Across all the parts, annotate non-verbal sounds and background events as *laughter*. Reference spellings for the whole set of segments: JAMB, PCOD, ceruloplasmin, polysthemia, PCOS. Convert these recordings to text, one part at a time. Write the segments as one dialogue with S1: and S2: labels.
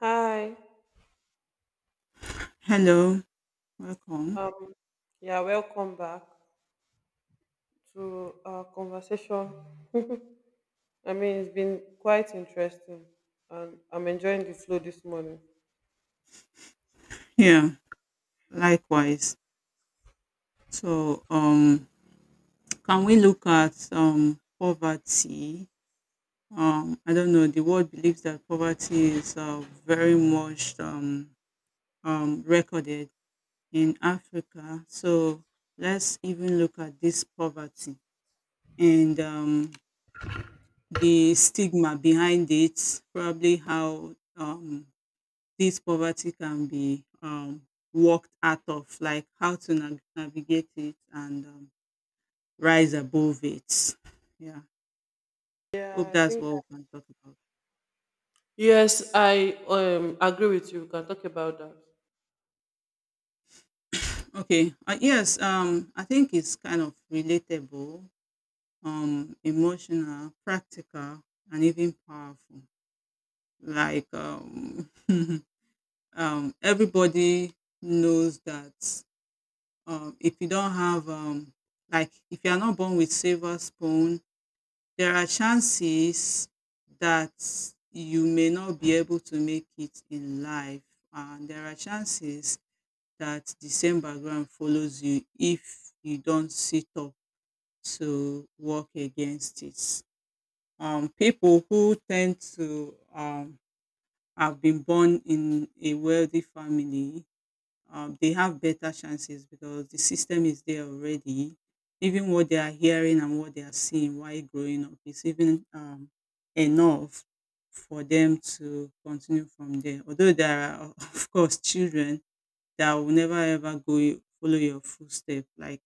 S1: Hi.
S2: Hello, welcome.
S1: Um, yeah, welcome back to our conversation. It's been quite interesting, and I'm enjoying the flow this morning.
S2: Yeah, likewise. So, can we look at poverty? I don't know. The world believes that poverty is very much recorded in Africa. So, let's even look at this poverty and the stigma behind it, probably how this poverty can be worked out of, like how to navigate it and rise above it. Yeah,
S1: Yeah,
S2: hope
S1: I
S2: that's
S1: think.
S2: what we can talk about.
S1: Yes, I agree with you. We can talk about that.
S2: Okay, yes, I think it's kind of relatable, emotional, practical, and even powerful. Like *laughs* everybody knows that if you don't have like if you are not born with silver spoon. There are chances that you may not be able to make it in life, and there are chances that the same background follows you if you don't sit up to work against it. People who tend to have been born in a wealthy family they have better chances because the system is there already. Even what they are hearing and what they are seeing while growing up is even enough for them to continue from there. Although there are, *laughs* of course, children that will never ever follow your footstep. Like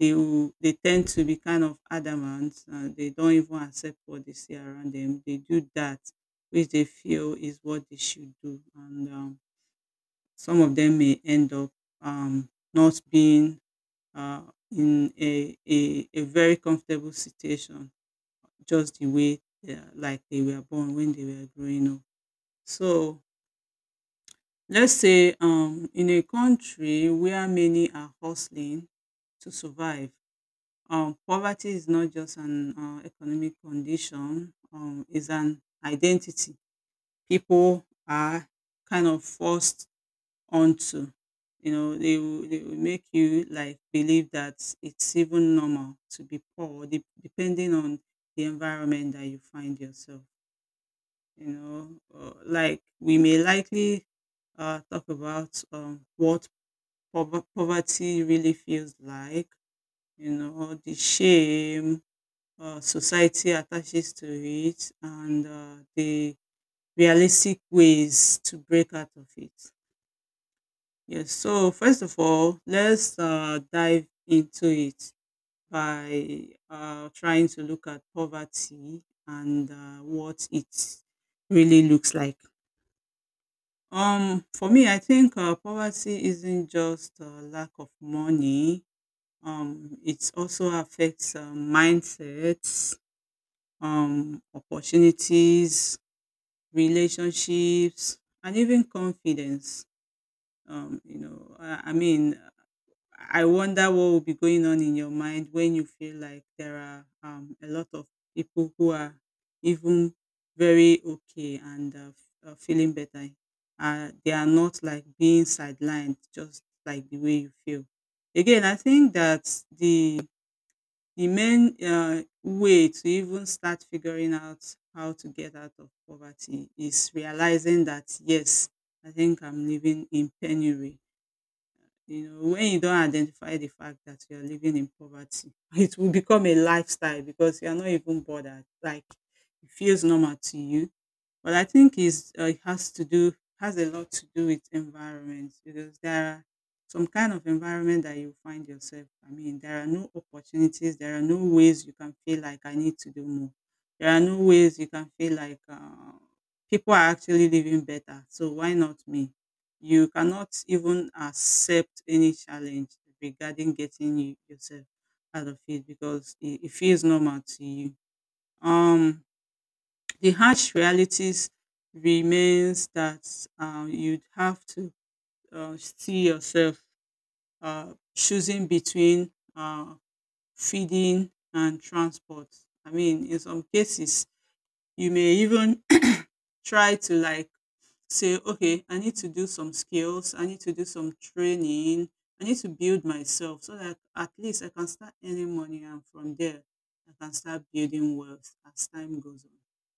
S2: they tend to be kind of adamant. They don't even accept what they see around them. They do that which they feel is what they should do, and some of them may end up not being uh, in a very comfortable situation, just the way they are, like they were born when they were growing up. So let's say in a country where many are hustling to survive, poverty is not just an economic condition, it's an identity. People are kind of forced onto. You know, they will make you like believe that it's even normal to be poor, depending on the environment that you find yourself. You know, like we may likely talk about what poverty really feels like. You know, the shame society attaches to it, and the realistic ways to break out of it. Yes, so first of all, let's dive into it by trying to look at poverty and what it really looks like. For me, I think poverty isn't just lack of money. It also affects mindsets, opportunities, relationships, and even confidence. You know, I mean, I wonder what will be going on in your mind when you feel like there are a lot of people who are even very okay and feeling better. They are not like being sidelined, just like the way you feel. Again, I think that the main way to even start figuring out how to get out of poverty is realizing that yes, I think I'm living in penury. You know, when you don identify the fact that you are living in poverty, *laughs* it will become a lifestyle because you are not even bothered. Like, it feels normal to you. But I think it's, it has to do has a lot to do with environment because there are some kind of environment that you find yourself. I mean, there are no opportunities. There are no ways you can feel like I need to do more. There are no ways you can feel like people are actually living better. So why not me? You cannot even accept any challenge regarding getting you, yourself out of it because it feels normal to you. Um, the harsh realities remains that you'd have to see yourself choosing between feeding and transport. I mean, in some cases, you may even *coughs* *clears throat* try to like say, okay, I need to do some skills, I need to do some training, I need to build myself so that at least I can start earning money and from there I can start building wealth as time goes on.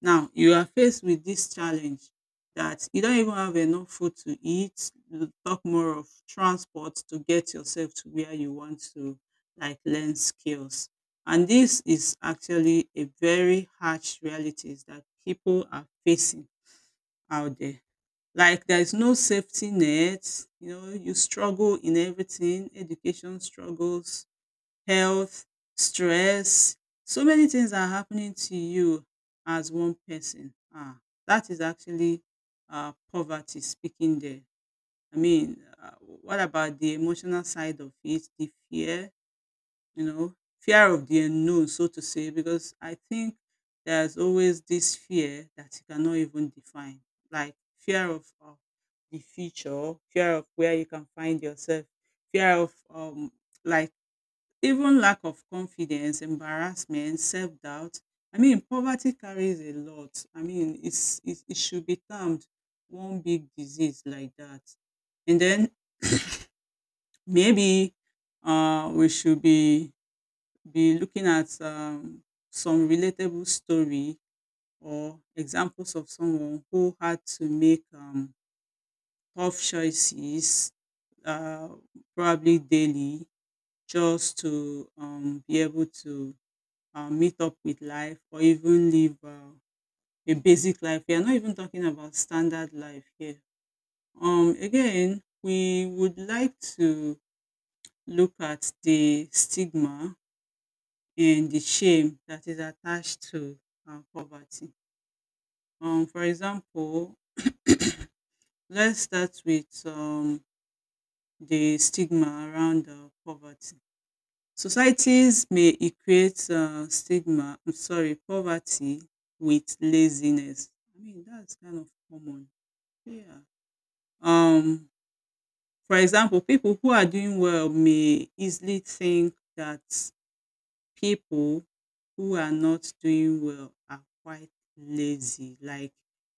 S2: Now, you are faced with this challenge that you don't even have enough food to eat, you talk more of transport to get yourself to where you want to like learn skills. And this is actually a very harsh realities that people are facing out there. Like there is no safety net, you know, you struggle in everything, education struggles, health, stress, so many things are happening to you as one person. Ah, that is actually poverty speaking there. I mean, what about the emotional side of it, the fear, you know, fear of the unknown, so to say, because I think there's always this fear that you cannot even define, like fear of the future, fear of where you can find yourself, fear of like even lack of confidence, embarrassment, self doubt. I mean, poverty carries a lot. I mean, it should be termed one big disease like that. And then maybe we should be looking at some relatable story or examples of someone who had to make tough choices, uh, probably daily, just to be able to meet up with life or even live a basic life. We are not even talking about standard life here. Again, we would like to look at the stigma and the shame that is attached to poverty. For example, let's start with the stigma around poverty. Societies may equate poverty with laziness. I mean, that's kind of common. Yeah. Um, for example, people who are doing well may easily think that people who are not doing well are quite lazy. Like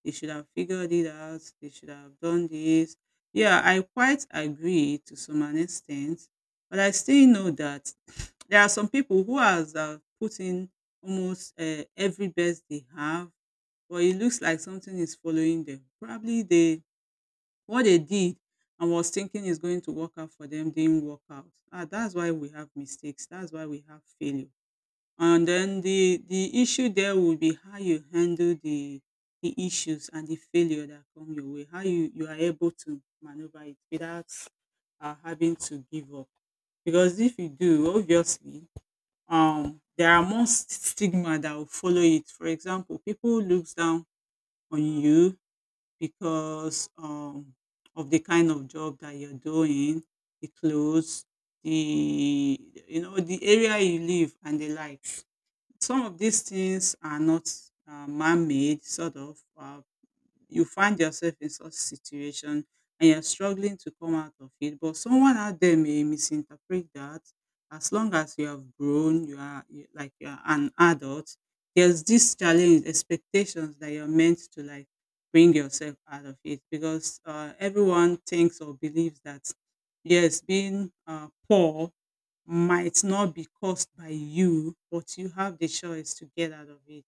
S2: they should have figured it out, they should have done this. Yeah, I quite agree to some an extent, but I still know that *sniffs* there are some people who has put in almost every best they have, but it looks like something is following them. Probably they what they did and was thinking is going to work out for them didn't work out. Ah, that's why we have mistakes. That's why we have failure, and then the issue there will be how you handle the issues and the failure that come your way. How you are able to maneuver it without having to give up. Because if you do, obviously, there are more stigma that will follow it. For example, people looks down on you because of the kind of job that you're doing, the clothes, the, you know, the area you live and the like. Some of these things are not man-made, sort of. You find yourself in such situation and you're struggling to come out of it, but someone out there may misinterpret that. As long as you have grown, you are you, like you are an adult. There's this challenge, expectations that you're meant to like bring yourself out of it because everyone thinks or believes that yes, being poor might not be caused by you, but you have the choice to get out of it.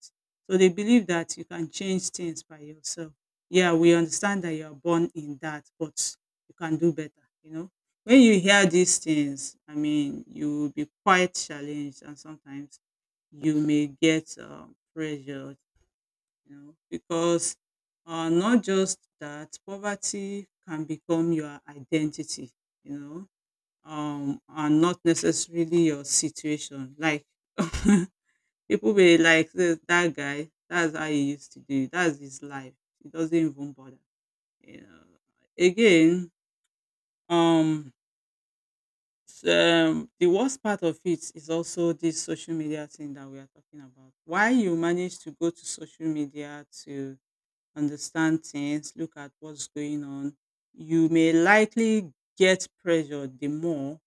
S2: So they believe that you can change things by yourself. Yeah, we understand that you are born in that, but you can do better, you know. When you hear these things, I mean, you will be quite challenged, and sometimes you may get pressured, you know, because not just that, poverty can become your identity, you know, are not necessarily your situation. Like *laughs* people be like, that guy, that's how he used to do, it. That's his life. He doesn't even bother. You know." Again, um the worst part of it is also this social media thing that we are talking about. Why you manage to go to social media to understand things, look at what's going on, you may likely get pressured the more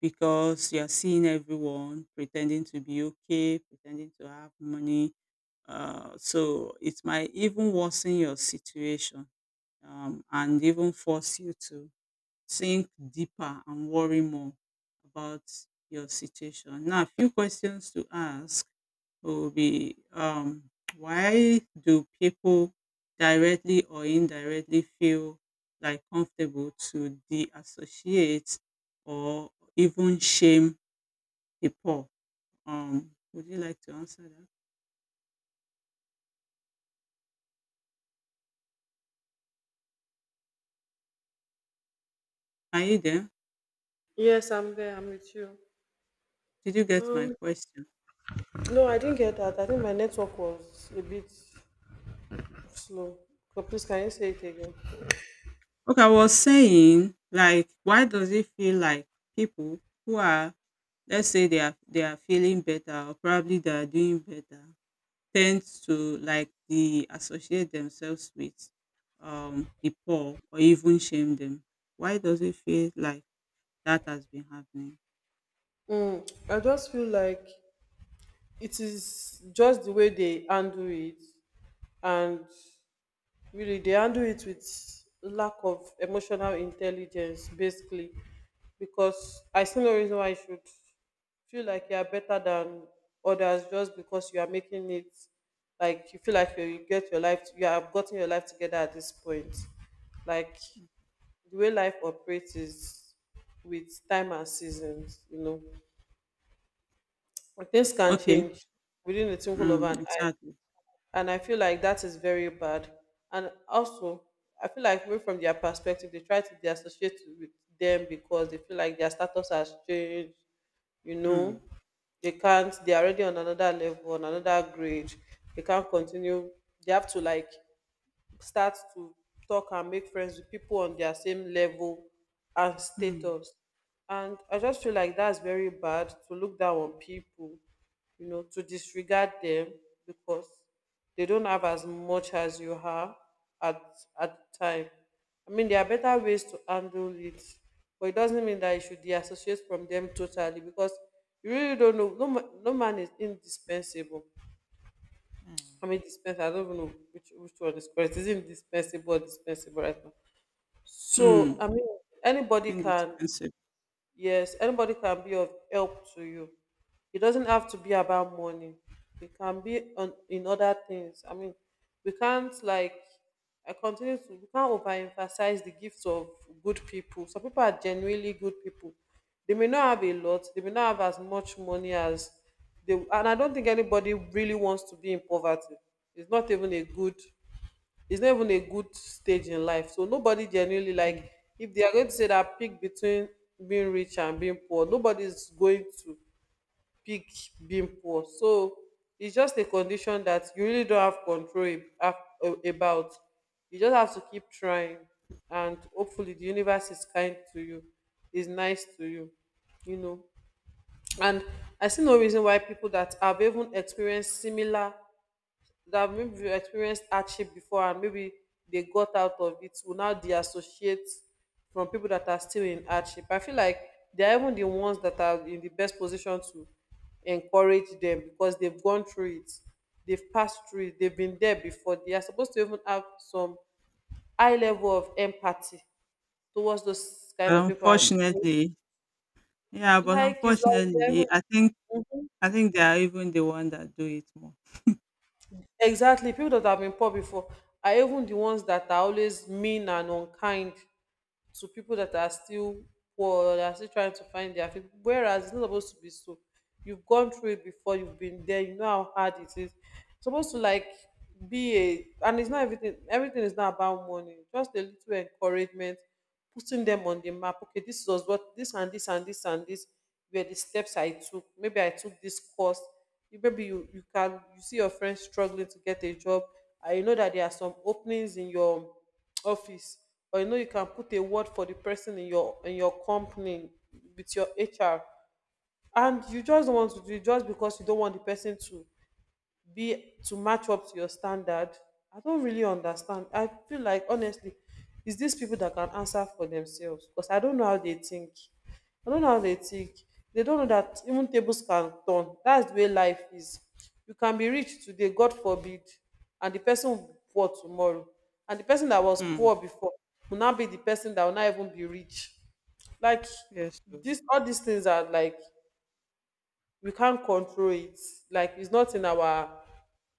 S2: because you're seeing everyone pretending to be okay, pretending to have money. So it might even worsen your situation and even force you to think deeper and worry more about your situation. Now, a few questions to ask will be why do people directly or indirectly feel like comfortable to de associate or even shame the poor. Would you like to answer that? Are you there?
S1: Yes, I'm there. I'm with you.
S2: Did you get my
S1: Um,
S2: question?
S1: no, I didn't get that. I think my network was a bit slow. So please, can you say it again?
S2: Okay, I was saying, like, why does it feel like people who are, let's say, they are feeling better or probably they are doing better, tend to like the associate themselves with the poor or even shame them? Why does it feel like that has been happening?
S1: Mm, I just feel like it is just the way they handle it, and really they handle it with lack of emotional intelligence, basically, because I see no reason why you should feel like you are better than others just because you are making it. Like you feel like you get your life, you have gotten your life together at this point. Like the way life operates is with time and seasons, you know. And things can
S2: Okay,
S1: change within the twinkle of
S2: mm,
S1: an eye,
S2: exactly.
S1: and I feel like that is very bad. And also, I feel like maybe from their perspective, they try to they associate with them because they feel like their status has changed. You know,
S2: Mm,
S1: they can't. They are already on another level, on another grade. They can't continue. They have to like start to talk and make friends with people on their same level and
S2: mm,
S1: status. And I just feel like that's very bad to look down on people, you know, to disregard them because they don't have as much as you have at the time. I mean, there are better ways to handle it, but it doesn't mean that you should deassociate from them totally because you really don't know. No man is indispensable. I
S2: mm,
S1: mean dispenser. I don't even know which one is correct. Is it indispensable or dispensable right now? So
S2: mm,
S1: I mean anybody can.
S2: indispensable.
S1: Yes, anybody can be of help to you. It doesn't have to be about money. It can be on in other things. I mean, we can't like I continue to we can't overemphasize the gifts of good people. Some people are genuinely good people. They may not have a lot, they may not have as much money as they, and I don't think anybody really wants to be in poverty. It's not even a good it's not even a good stage in life. So nobody genuinely, like, if they are going to say that pick between being rich and being poor, nobody's going to pick being poor. So it's just a condition that you really don't have control about. You just have to keep trying, and hopefully the universe is kind to you, is nice to you, you know. And I see no reason why people that have even experienced similar, that maybe experienced hardship before and maybe they got out of it, will now deassociate from people that are still in hardship. I feel like they're even the ones that are in the best position to encourage them because they've gone through it, they've passed through it, they've been there before. They are supposed to even have some high level of empathy towards those
S2: But
S1: kind of people. And you know,
S2: unfortunately, yeah, but
S1: like it's like they're even-
S2: unfortunately, I think they are even the one that do it more.
S1: exactly, people that have been poor before are even the ones that are always mean and unkind to people that are still poor, or that are still trying to find their feet, whereas it's not supposed to be so. You've gone through it before, you've been there, you know how hard it is. It's supposed to like be a, and it's not everything, everything is not about money, just a little encouragement, putting them on the map. Okay, this was what, this and this and this and this were the steps I took. Maybe I took this course. You maybe you, you can, you see your friends struggling to get a job, and you know that there are some openings in your office, or you know you can put a word for the person in your company with your HR, and you just don't want to do it just because you don't want the person to be, to match up to your standard. I don't really understand. I feel like, honestly, it's these people that can answer for themselves because I don't know how they think. They don't know that even tables can turn. That's the way life is. You can be rich today, God forbid, and the person will be poor tomorrow, and the person that was
S2: Hmm.
S1: poor before will now be the person that will not even be rich. Like
S2: Yes. So.
S1: this all these things are like we can't control it. Like it's not in our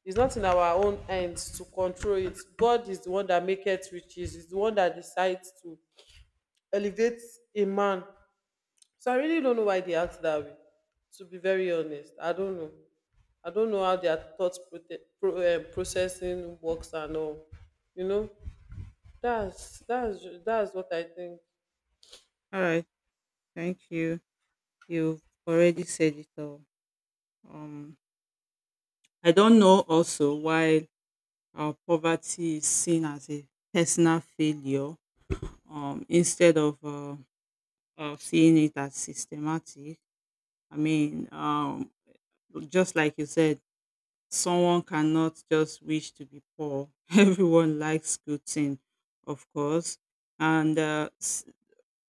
S1: it's not in our own hands to control it. God is the one that maketh riches. He's the one that decides to elevate a man. So I really don't know why they act that way. To be very honest, I don't know. I don't know how their thought processing works and all. You know, that's what I think.
S2: All right. Thank you. You've already said it all. Um, I don't know also why poverty is seen as a personal failure instead of seeing it as systematic. I mean, just like you said, someone cannot just wish to be poor. *laughs* Everyone likes good thing, of course, and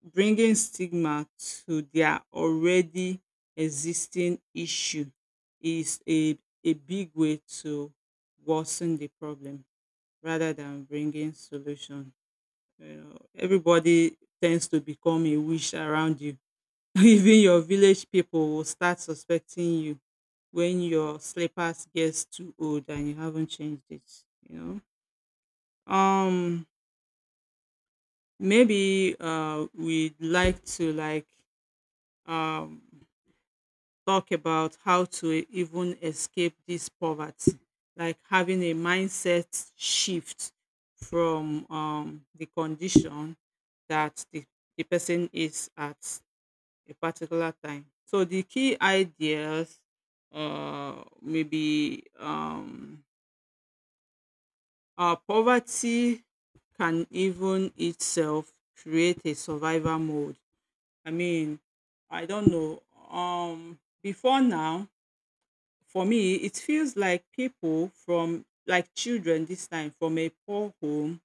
S2: bringing stigma to their already existing issue is a big way to worsen the problem rather than bringing solution. You know, everybody tends to become a wish around you. *laughs* Even your village people will start suspecting you when your slippers gets too old and you haven't changed it, you know. Maybe we'd like to um talk about how to even escape this poverty, like having a mindset shift from the condition that the person is at a particular time. So the key ideas, maybe poverty can even itself create a survival mode. I mean, I don't know. Before now, for me, it feels like people from like children this time from a poor home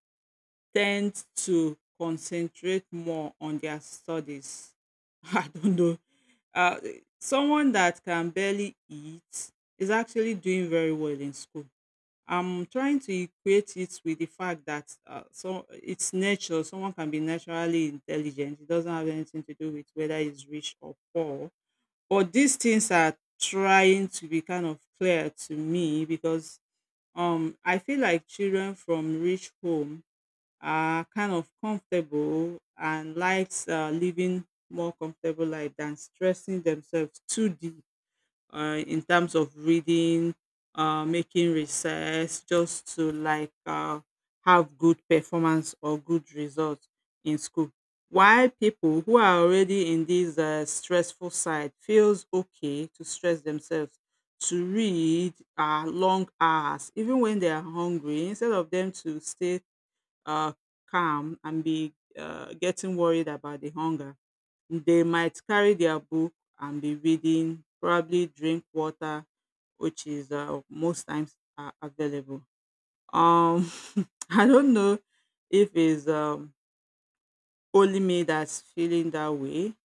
S2: tend to concentrate more on their studies. *laughs* I don't know. Uh, Someone that can barely eat is actually doing very well in school. I'm trying to equate it with the fact that so it's natural. Someone can be naturally intelligent. It doesn't have anything to do with whether he's rich or poor. But these things are trying to be kind of clear to me because I feel like children from rich home are kind of comfortable and likes living more comfortable life than stressing themselves too deep in terms of reading, making research, just to have good performance or good results in school. While people who are already in this stressful side feels okay to stress themselves to read long hours, even when they are hungry, instead of them to stay uh, calm and be getting worried about the hunger. They might carry their book and be reading, probably drink water, which is most times available. Um, *laughs* I don't know if it's only me that's feeling that way,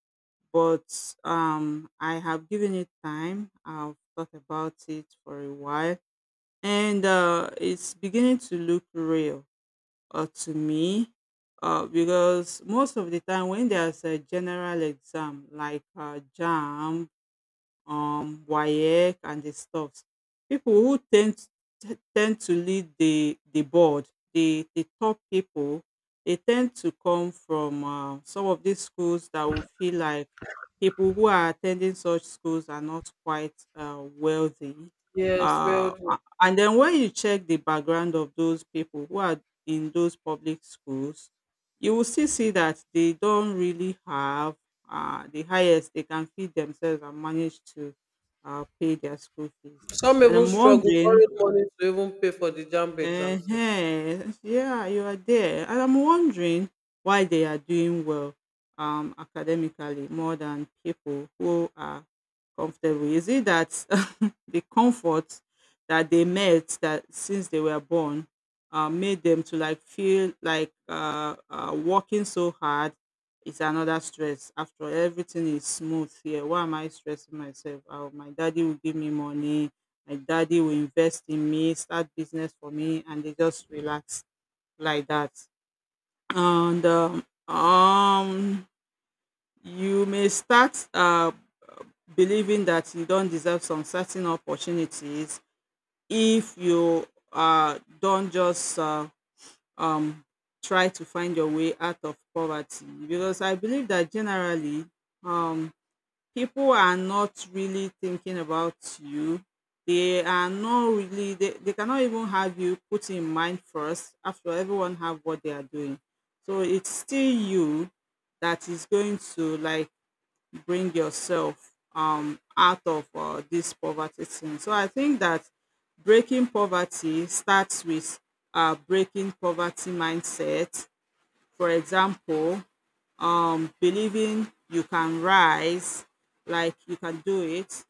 S2: but I have given it time. I've thought about it for a while, and it's beginning to look real to me because most of the time when there's a general exam like JAM, WAEC and the stuffs. People who tend to lead the board, the top people, they tend to come from some of these schools that will feel like people who are attending such schools are not quite wealthy.
S1: Yes, well,
S2: And then when you check the background of those people who are in those public schools, you will still see that they don't really have the highest they can feed themselves and manage to pay their school fees.
S1: some
S2: And
S1: even
S2: I'm
S1: struggle
S2: wondering,
S1: borrowed money to even pay for the JAMB
S2: uh,
S1: exams.
S2: yeah, you are there. And I'm wondering why they are doing well academically more than people who are comfortable. Is it that *laughs* the comfort that they met that since they were born made them to like feel like working so hard is another stress? After all, everything is smooth here, why am I stressing myself? Oh, my daddy will give me money. My daddy will invest in me, start business for me, and they just relax like that. And you may start believing that you don't deserve some certain opportunities if you don't just um, try to find your way out of poverty. Because I believe that generally, um, people are not really thinking about you. They are not really, they cannot even have you put in mind first. After all, everyone have what they are doing. So it's still you that is going to like bring yourself out of this poverty thing. So I think that breaking poverty starts with breaking poverty mindset. For example, believing you can rise, like you can do it,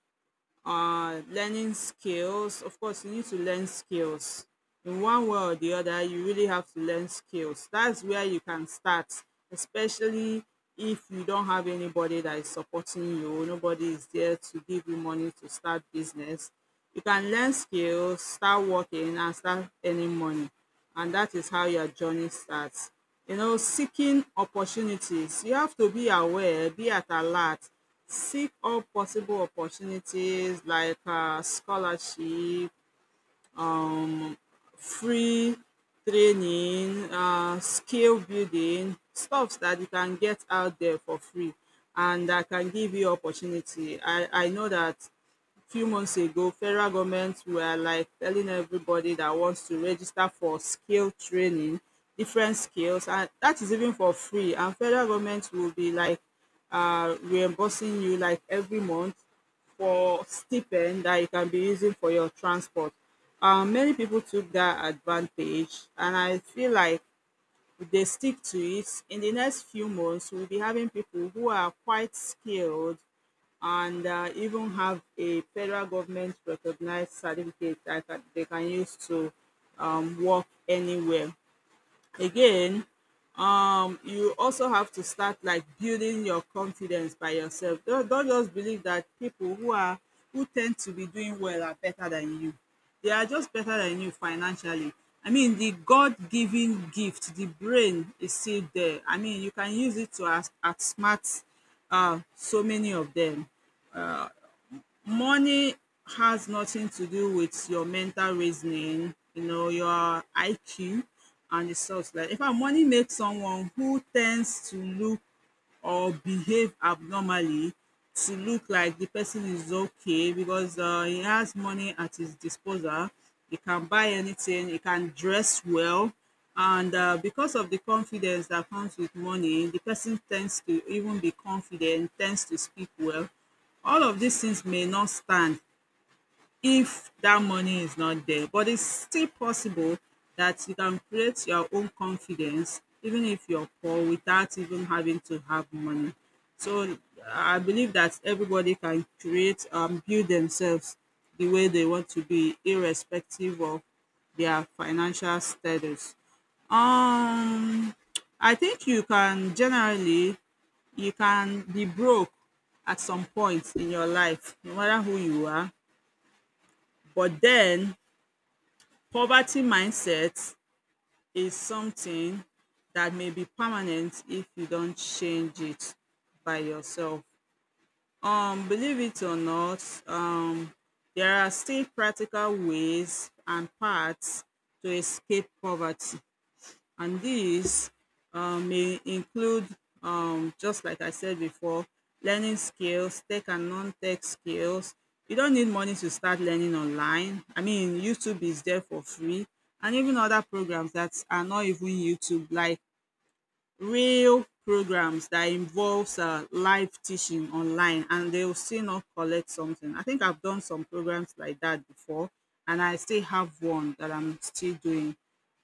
S2: learning skills. Of course, you need to learn skills. In one way or the other, you really have to learn skills. That's where you can start, especially if you don't have anybody that is supporting you, nobody is there to give you money to start business. You can learn skills, start working, and start earning money and that is how your journey starts. You know, seeking opportunities. You have to be aware, be at alert, seek all possible opportunities like scholarship, free training, skill building, stuff that you can get out there for free and that can give you opportunity. I know that few months ago, federal government were like telling everybody that wants to register for skill training, different skills, and that is even for free. And federal government will be like reimbursing you like every month for stipend that you can be using for your transport. Many people took that advantage, and I feel like if they stick to it, in the next few months, we'll be having people who are quite skilled and even have a federal government recognized certificate they can use to work anywhere. Again, you also have to start like building your confidence by yourself. Don't just believe that people who tend to be doing well are better than you. They are just better than you financially. I mean, the God-given gift, the brain is still there. I mean, you can use it to as outsmart so many of them. Money has nothing to do with your mental reasoning, you know, your IQ and the such like. In fact, money makes someone who tends to look or behave abnormally to look like the person is okay because he has money at his disposal, he can buy anything, he can dress well and because of the confidence that comes with money, the person tends to even be confident, tends to speak well. All of these things may not stand if that money is not there. But it's still possible that you can create your own confidence even if you're poor without even having to have money. So I believe that everybody can create build themselves the way they want to be, irrespective of their financial status. Um, I think you can be broke at some point in your life, no matter who you are. But then poverty mindset is something that may be permanent if you don't change it by yourself. Believe it or not, there are still practical ways and paths to escape poverty and these may include just like I said before, learning skills, tech and non-tech skills. You don't need money to start learning online. I mean, YouTube is there for free and even other programs that are not even YouTube, like real programs that involves live teaching online and they will still not collect something. I think I've done some programs like that before and I still have one that I'm still doing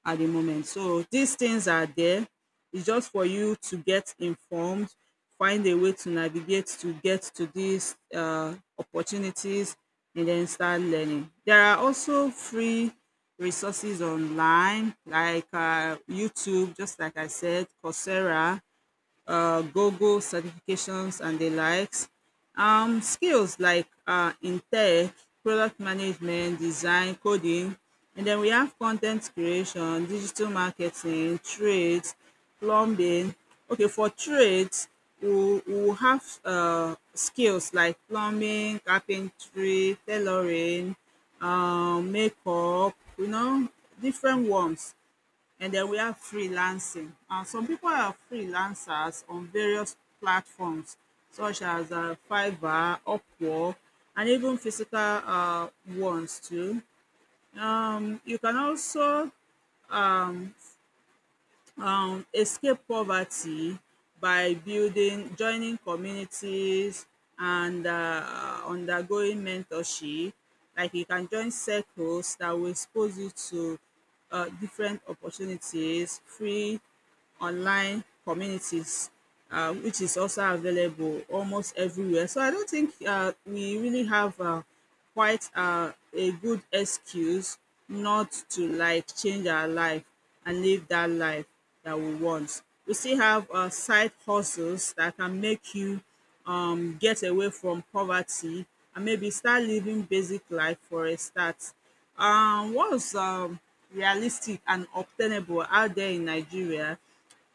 S2: at the moment. So these things are there. It's just for you to get informed, find a way to navigate to get to these opportunities, and then start learning. There are also free resources online like YouTube, just like I said, Coursera, Google certifications and the likes. Skills like in tech, product management, design, coding, and then we have content creation, digital marketing, trades, plumbing. Okay, for trades, we will have skills like plumbing, carpentry, tailoring, makeup, you know, different ones. And then we have freelancing. Some people are freelancers on various platforms such as Fiverr, Upwork, and even physical ones too. You can also escape poverty by building, joining communities, and undergoing mentorship. Like you can join circles that will expose you to different opportunities, free online communities, which is also available almost everywhere. So I don't think we really have quite a good excuse not to like change our life and live that life that we want. We still have side hustles that can make you get away from poverty and maybe start living basic life for a start. What was realistic and obtainable out there in Nigeria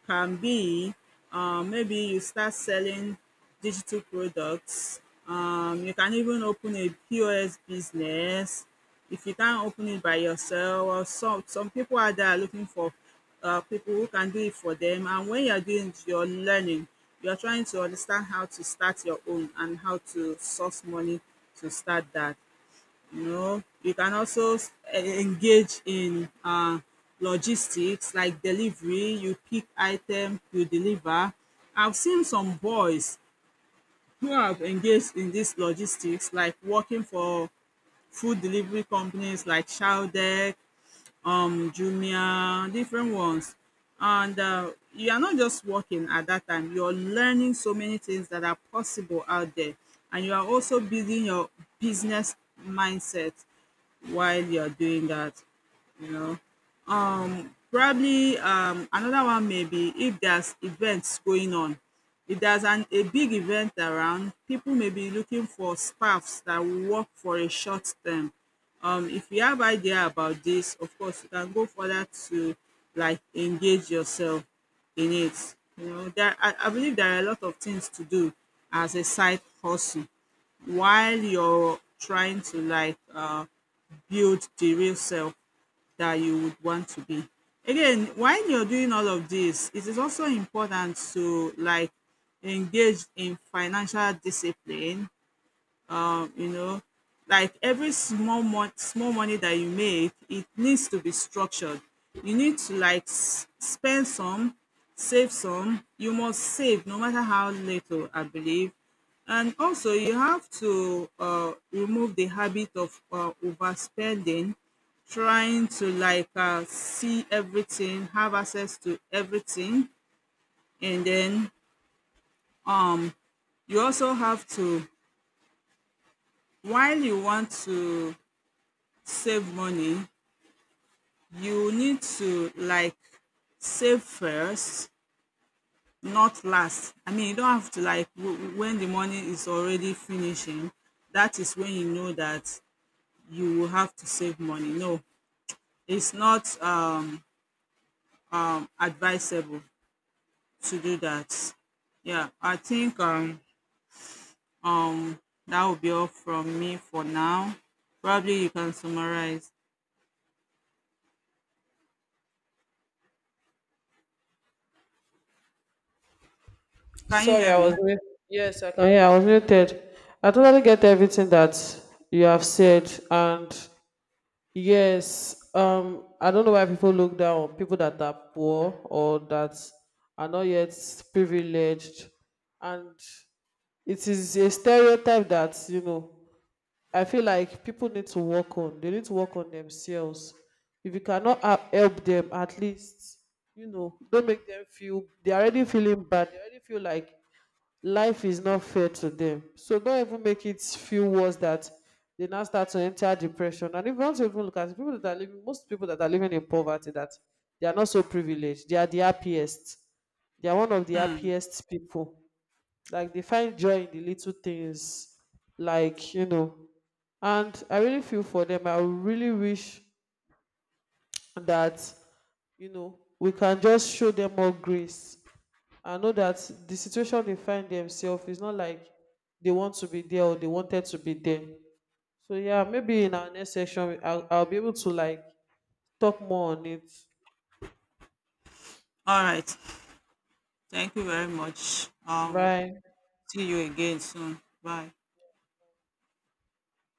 S2: can be, maybe you start selling digital products. You can even open a POS business if you can't open it by yourself. Or some people are there looking for people who can do it for them. And when you're doing it, you're learning. You're trying to understand how to start your own and how to source money to start that, you know. You can also engage in logistics like delivery. You pick item, you deliver. I've seen some boys who have engaged in this logistics like working for food delivery companies like Shaldec, Jumia, different ones. And you are not just working at that time, you're learning so many things that are possible out there and you are also building your business mindset while you're doing that, you know. Probably another one may be if there's events going on. If a big event around, people may be looking for staffs that will work for a short term. If you have idea about this, of course, you can go further to like engage yourself in it. You know, I believe there are a lot of things to do as a side hustle while you're trying to build the real self that you would want to be. Again, while you're doing all of this, it is also important to like engage in financial discipline, you know. Like every small money that you make, it needs to be structured. You need to like spend some, save some. You must save no matter how little, I believe. And also, you have to remove the habit of overspending, trying to see everything, have access to everything, and then um, you also have to, while you want to save money, you need to like save first, not last. I mean, you don't have to when the money is already finishing, that is when you know that you will have to save money. No, it's not advisable to do that. Yeah, I think um, that will be all from me for now. Probably you can summarize. Can you
S1: Sorry,
S2: hear
S1: I was
S2: me?
S1: mute. Yes, I can. Yeah, I was muted. I totally get everything that you have said, and yes, I don't know why people look down on people that are poor or that are not yet privileged, and it is a stereotype that, you know, I feel like people need to work on. They need to work on themselves. If you cannot help them, at least, you know, don't make them feel. They are already feeling bad. They already feel like life is not fair to them. So don't even make it feel worse that they now start to enter depression. And if you want to even look at it, people that are living, most people that are living in poverty, that they are not so privileged, they are the happiest. They are one of the
S2: Hmm.
S1: happiest people. Like they find joy in the little things, like, you know. And I really feel for them. I really wish that, you know, we can just show them more grace. I know that the situation they find themselves is not like they want to be there or they wanted to be there. So yeah, maybe in our next session I'll be able to like talk more on it.
S2: All right. Thank you very much.
S1: Right.
S2: See you again soon. Bye.